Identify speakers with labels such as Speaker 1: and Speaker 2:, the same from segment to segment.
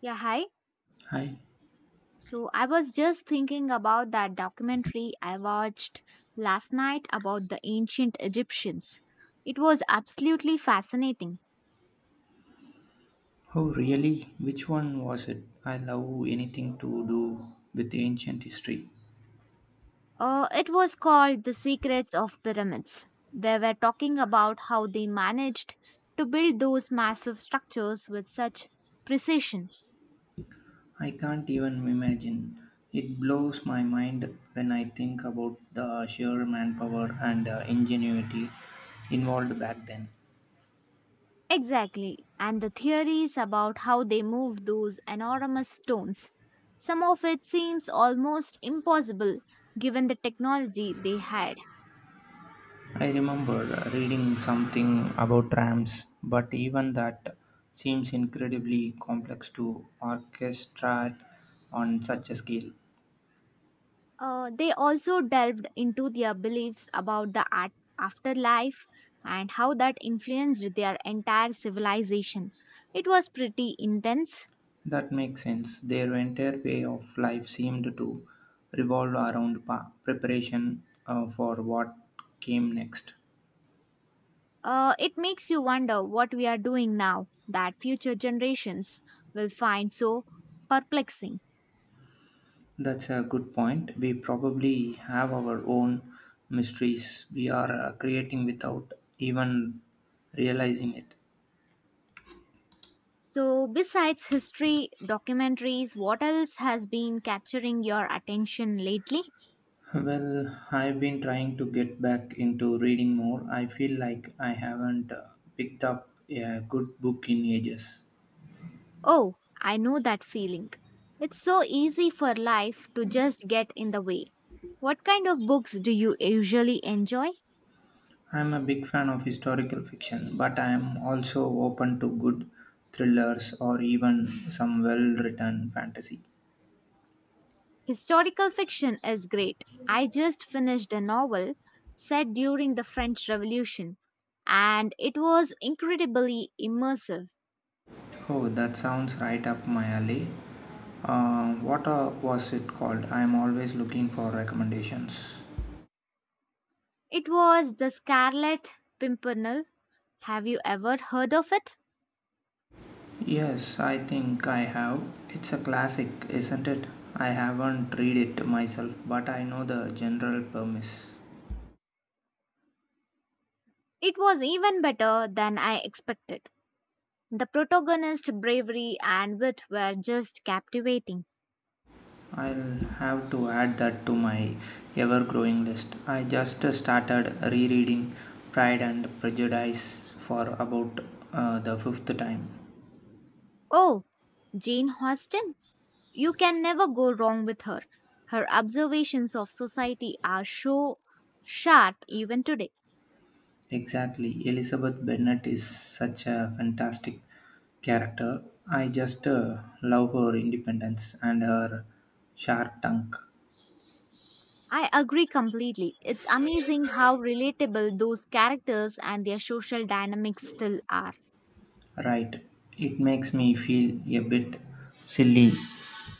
Speaker 1: Yeah, hi.
Speaker 2: Hi.
Speaker 1: So I was just thinking about that documentary I watched last night about the ancient Egyptians. It was absolutely fascinating.
Speaker 2: Oh, really? Which one was it? I love anything to do with ancient history.
Speaker 1: It was called The Secrets of Pyramids. They were talking about how they managed to build those massive structures with such precision.
Speaker 2: I can't even imagine. It blows my mind when I think about the sheer manpower and ingenuity involved back then.
Speaker 1: Exactly, and the theories about how they move those enormous stones. Some of it seems almost impossible given the technology they had.
Speaker 2: I remember reading something about rams, but even that seems incredibly complex to orchestrate on such a scale.
Speaker 1: They also delved into their beliefs about the afterlife and how that influenced their entire civilization. It was pretty intense.
Speaker 2: That makes sense. Their entire way of life seemed to revolve around preparation for what came next.
Speaker 1: It makes you wonder what we are doing now that future generations will find so perplexing.
Speaker 2: That's a good point. We probably have our own mysteries we are creating without even realizing it.
Speaker 1: So, besides history, documentaries, what else has been capturing your attention lately?
Speaker 2: Well, I've been trying to get back into reading more. I feel like I haven't picked up a good book in ages.
Speaker 1: Oh, I know that feeling. It's so easy for life to just get in the way. What kind of books do you usually enjoy?
Speaker 2: I'm a big fan of historical fiction, but I am also open to good thrillers or even some well written fantasy.
Speaker 1: Historical fiction is great. I just finished a novel set during the French Revolution, and it was incredibly immersive.
Speaker 2: Oh, that sounds right up my alley. What was it called? I am always looking for recommendations.
Speaker 1: It was The Scarlet Pimpernel. Have you ever heard of it?
Speaker 2: Yes, I think I have. It's a classic, isn't it? I haven't read it myself, but I know the general premise.
Speaker 1: It was even better than I expected. The protagonist's bravery and wit were just captivating.
Speaker 2: I'll have to add that to my ever growing list. I just started rereading Pride and Prejudice for about the fifth time.
Speaker 1: Oh, Jane Austen? You can never go wrong with her. Her observations of society are so sharp even today.
Speaker 2: Exactly. Elizabeth Bennet is such a fantastic character. I just love her independence and her sharp tongue.
Speaker 1: I agree completely. It's amazing how relatable those characters and their social dynamics still are.
Speaker 2: Right. It makes me feel a bit silly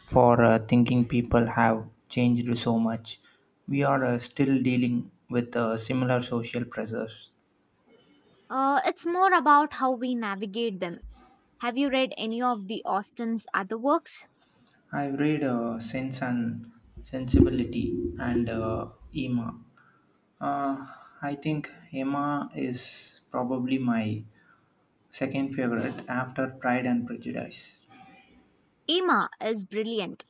Speaker 2: for thinking people have changed so much. We are still dealing with similar social pressures.
Speaker 1: It's more about how we navigate them. Have you read any of the Austen's other works?
Speaker 2: I've read Sense and Sensibility and Emma. Uh, I think Emma is probably my second favorite after Pride and Prejudice.
Speaker 1: Emma is brilliant.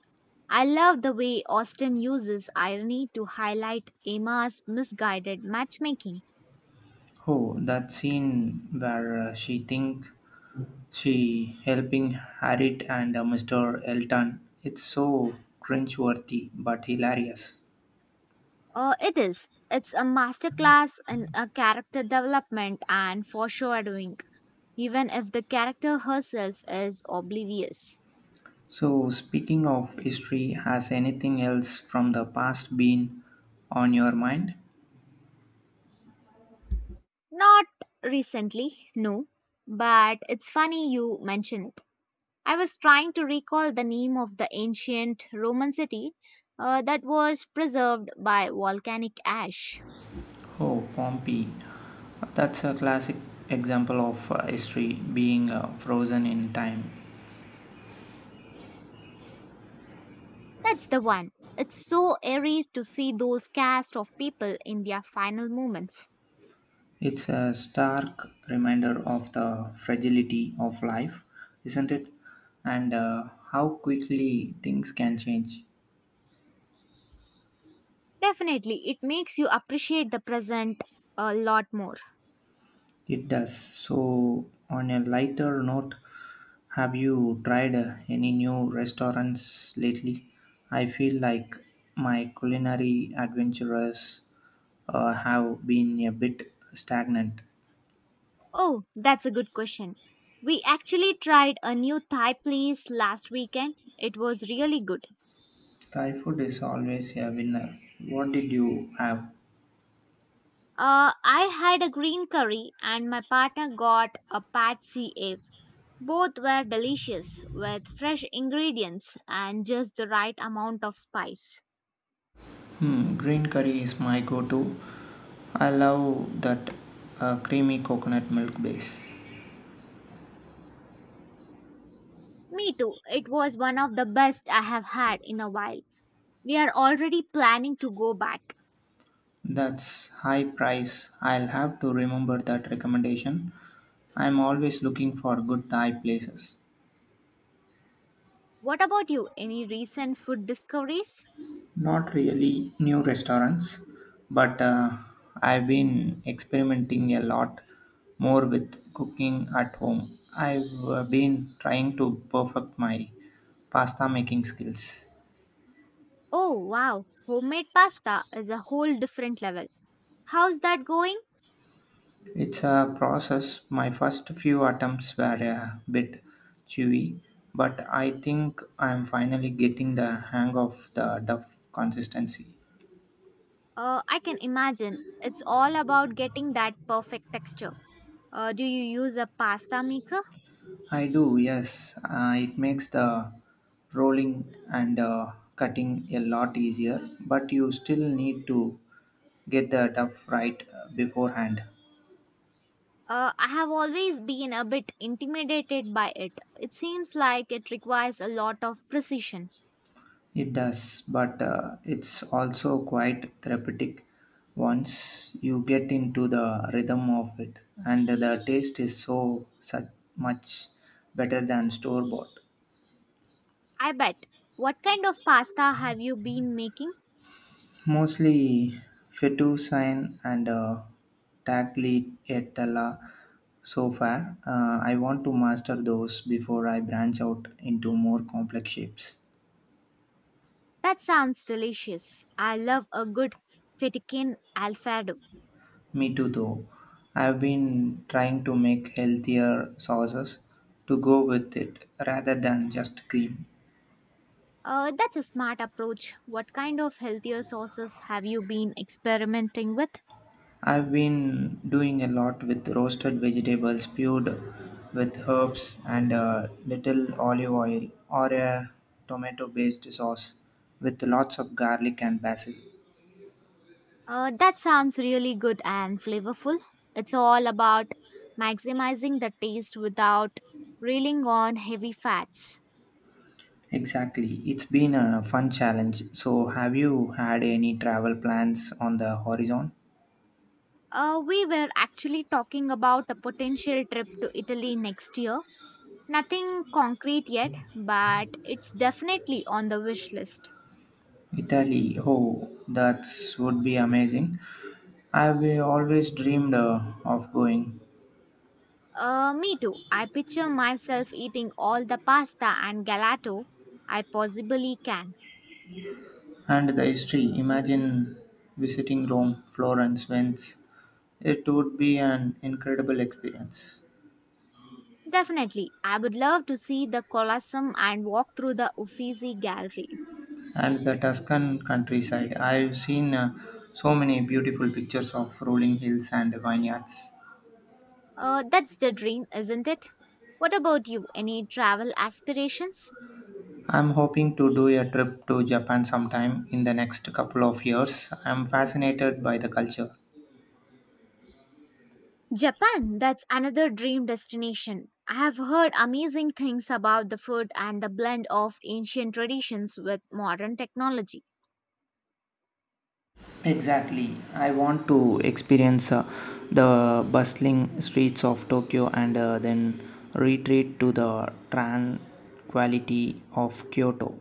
Speaker 1: I love the way Austen uses irony to highlight Emma's misguided matchmaking.
Speaker 2: Oh, that scene where she think She helping Harriet and Mr. Elton. It's so cringeworthy but hilarious.
Speaker 1: It is. It's a masterclass in a character development and foreshadowing, even if the character herself is oblivious.
Speaker 2: So, speaking of history, has anything else from the past been on your mind?
Speaker 1: Not recently, no, but it's funny you mention it. I was trying to recall the name of the ancient Roman city that was preserved by volcanic ash.
Speaker 2: Oh, Pompeii. That's a classic example of history being frozen in time.
Speaker 1: That's the one. It's so eerie to see those cast of people in their final moments.
Speaker 2: It's a stark reminder of the fragility of life, isn't it? And how quickly things can change.
Speaker 1: Definitely, it makes you appreciate the present a lot more.
Speaker 2: It does. So, on a lighter note, have you tried any new restaurants lately? I feel like my culinary adventures have been a bit stagnant.
Speaker 1: Oh, that's a good question. We actually tried a new Thai place last weekend. It was really good.
Speaker 2: Thai food is always a winner. What did you have?
Speaker 1: I had a green curry and my partner got a pad see ew. Both were delicious with fresh ingredients and just the right amount of spice.
Speaker 2: Hmm, green curry is my go to. I love that creamy coconut milk base.
Speaker 1: Me too. It was one of the best I have had in a while. We are already planning to go back.
Speaker 2: That's high price. I'll have to remember that recommendation. I'm always looking for good Thai places.
Speaker 1: What about you? Any recent food discoveries?
Speaker 2: Not really new restaurants, but I've been experimenting a lot more with cooking at home. I've been trying to perfect my pasta making skills.
Speaker 1: Oh, wow. Homemade pasta is a whole different level. How's that going?
Speaker 2: It's a process. My first few attempts were a bit chewy, but I think I'm finally getting the hang of the duff consistency.
Speaker 1: I can imagine. It's all about getting that perfect texture. Do you use a pasta maker?
Speaker 2: I do, yes. It makes the rolling and cutting a lot easier, but you still need to get the duff right beforehand.
Speaker 1: I have always been a bit intimidated by it. It seems like it requires a lot of precision.
Speaker 2: It does, but it's also quite therapeutic once you get into the rhythm of it, and the taste is so such much better than store bought.
Speaker 1: I bet. What kind of pasta have you been making?
Speaker 2: Mostly fettuccine and tagliatella so far. I want to master those before I branch out into more complex shapes.
Speaker 1: That sounds delicious. I love a good fettuccine alfredo.
Speaker 2: Me too, though. I've been trying to make healthier sauces to go with it rather than just cream.
Speaker 1: That's a smart approach. What kind of healthier sauces have you been experimenting with?
Speaker 2: I've been doing a lot with roasted vegetables puree with herbs and a little olive oil or a tomato based sauce with lots of garlic and basil.
Speaker 1: That sounds really good and flavorful. It's all about maximizing the taste without reeling on heavy fats.
Speaker 2: Exactly. It's been a fun challenge. So, have you had any travel plans on the horizon?
Speaker 1: We were actually talking about a potential trip to Italy next year. Nothing concrete yet, but it's definitely on the wish list.
Speaker 2: Italy, oh, that would be amazing. I've always dreamed of going,
Speaker 1: Me too. I picture myself eating all the pasta and gelato I possibly can.
Speaker 2: and the history. Imagine visiting Rome, Florence, Venice. It would be an incredible experience.
Speaker 1: Definitely, I would love to see the Colosseum and walk through the Uffizi Gallery.
Speaker 2: And the Tuscan countryside. I've seen so many beautiful pictures of rolling hills and vineyards.
Speaker 1: That's the dream, isn't it? What about you? Any travel aspirations?
Speaker 2: I'm hoping to do a trip to Japan sometime in the next couple of years. I'm fascinated by the culture.
Speaker 1: Japan, that's another dream destination. I have heard amazing things about the food and the blend of ancient traditions with modern technology.
Speaker 2: Exactly. I want to experience the bustling streets of Tokyo and then retreat to the tranquility of Kyoto.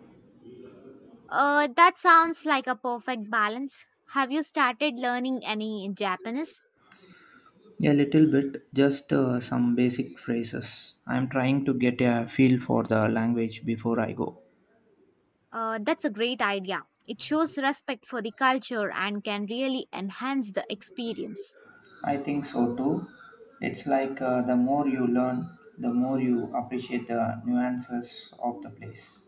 Speaker 1: That sounds like a perfect balance. Have you started learning any Japanese?
Speaker 2: A little bit, just some basic phrases. I'm trying to get a feel for the language before I go.
Speaker 1: That's a great idea. It shows respect for the culture and can really enhance the experience.
Speaker 2: I think so too. It's like the more you learn, the more you appreciate the nuances of the place.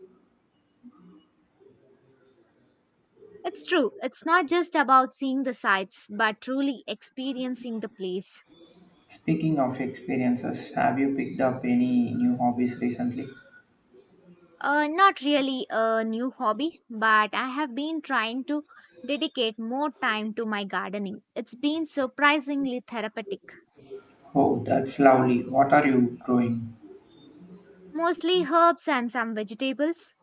Speaker 1: It's true, it's not just about seeing the sights, but truly experiencing the place.
Speaker 2: Speaking of experiences, have you picked up any new hobbies recently?
Speaker 1: Not really a new hobby, but I have been trying to dedicate more time to my gardening. It's been surprisingly therapeutic.
Speaker 2: Oh, that's lovely. What are you growing?
Speaker 1: Mostly herbs and some vegetables.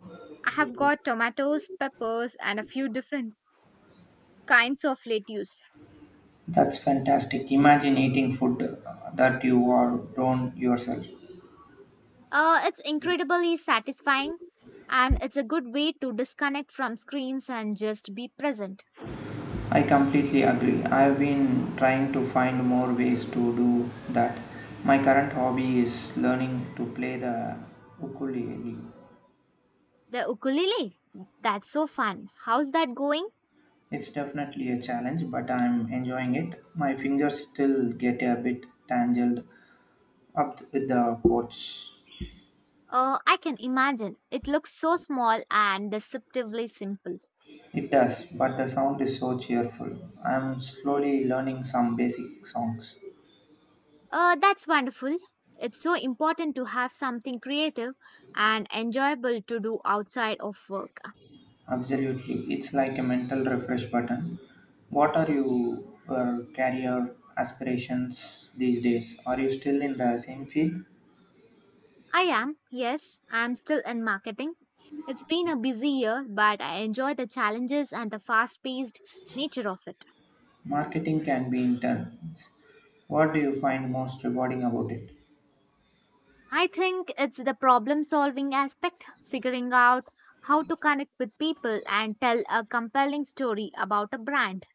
Speaker 1: I have got tomatoes, peppers, and a few different kinds of lettuce.
Speaker 2: That's fantastic. Imagine eating food that you are grown yourself.
Speaker 1: It's incredibly satisfying and it's a good way to disconnect from screens and just be present.
Speaker 2: I completely agree. I've been trying to find more ways to do that. My current hobby is learning to play the ukulele.
Speaker 1: The ukulele, that's so fun. How's that going?
Speaker 2: It's definitely a challenge, but I'm enjoying it. My fingers still get a bit tangled up with the chords.
Speaker 1: I can imagine. It looks so small and deceptively simple.
Speaker 2: It does, but the sound is so cheerful. I'm slowly learning some basic songs.
Speaker 1: That's wonderful. It's so important to have something creative and enjoyable to do outside of work.
Speaker 2: Absolutely, it's like a mental refresh button. What are you career aspirations these days? Are you still in the same field?
Speaker 1: I am, yes, I'm still in marketing. It's been a busy year, but I enjoy the challenges and the fast paced nature of it.
Speaker 2: Marketing can be intense. What do you find most rewarding about it?
Speaker 1: I think it's the problem solving aspect, figuring out how to connect with people and tell a compelling story about a brand.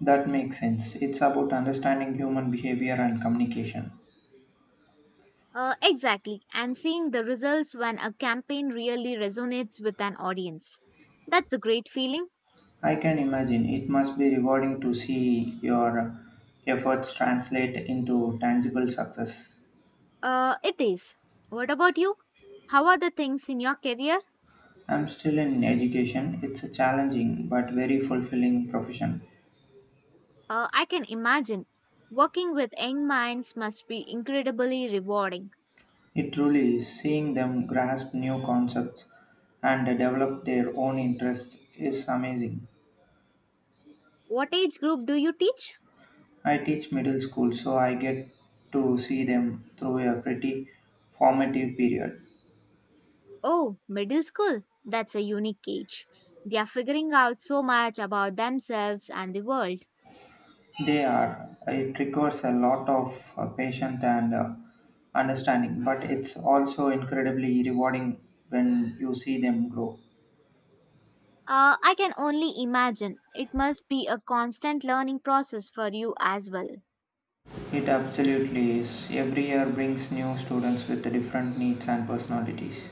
Speaker 2: That makes sense. It's about understanding human behavior and communication.
Speaker 1: Exactly, and seeing the results when a campaign really resonates with an audience. That's a great feeling.
Speaker 2: I can imagine it must be rewarding to see your efforts translate into tangible success.
Speaker 1: It is. What about you? How are the things in your career?
Speaker 2: I'm still in education. It's a challenging but very fulfilling profession.
Speaker 1: I can imagine. Working with young minds must be incredibly rewarding.
Speaker 2: It truly is. Seeing them grasp new concepts and develop their own interests is amazing.
Speaker 1: What age group do you teach?
Speaker 2: I teach middle school, so I get to see them through a pretty formative period.
Speaker 1: Oh, middle school. That's a unique age. They are figuring out so much about themselves and the world.
Speaker 2: They are. It requires a lot of patience and understanding, but it's also incredibly rewarding when you see them grow.
Speaker 1: I can only imagine. It must be a constant learning process for you as well.
Speaker 2: It absolutely is. Every year brings new students with different needs and personalities.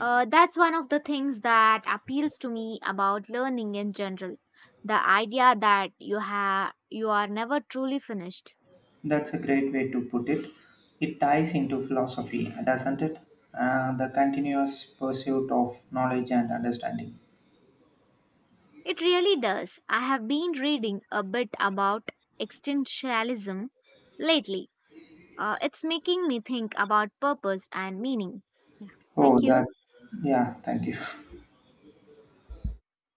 Speaker 1: That's one of the things that appeals to me about learning in general. The idea that you are never truly finished.
Speaker 2: That's a great way to put it. It ties into philosophy, doesn't it? The continuous pursuit of knowledge and understanding.
Speaker 1: It really does. I have been reading a bit about existentialism lately. It's making me think about purpose and meaning. Yeah.
Speaker 2: Oh,
Speaker 1: Thank
Speaker 2: that.
Speaker 1: you.
Speaker 2: Yeah, thank you.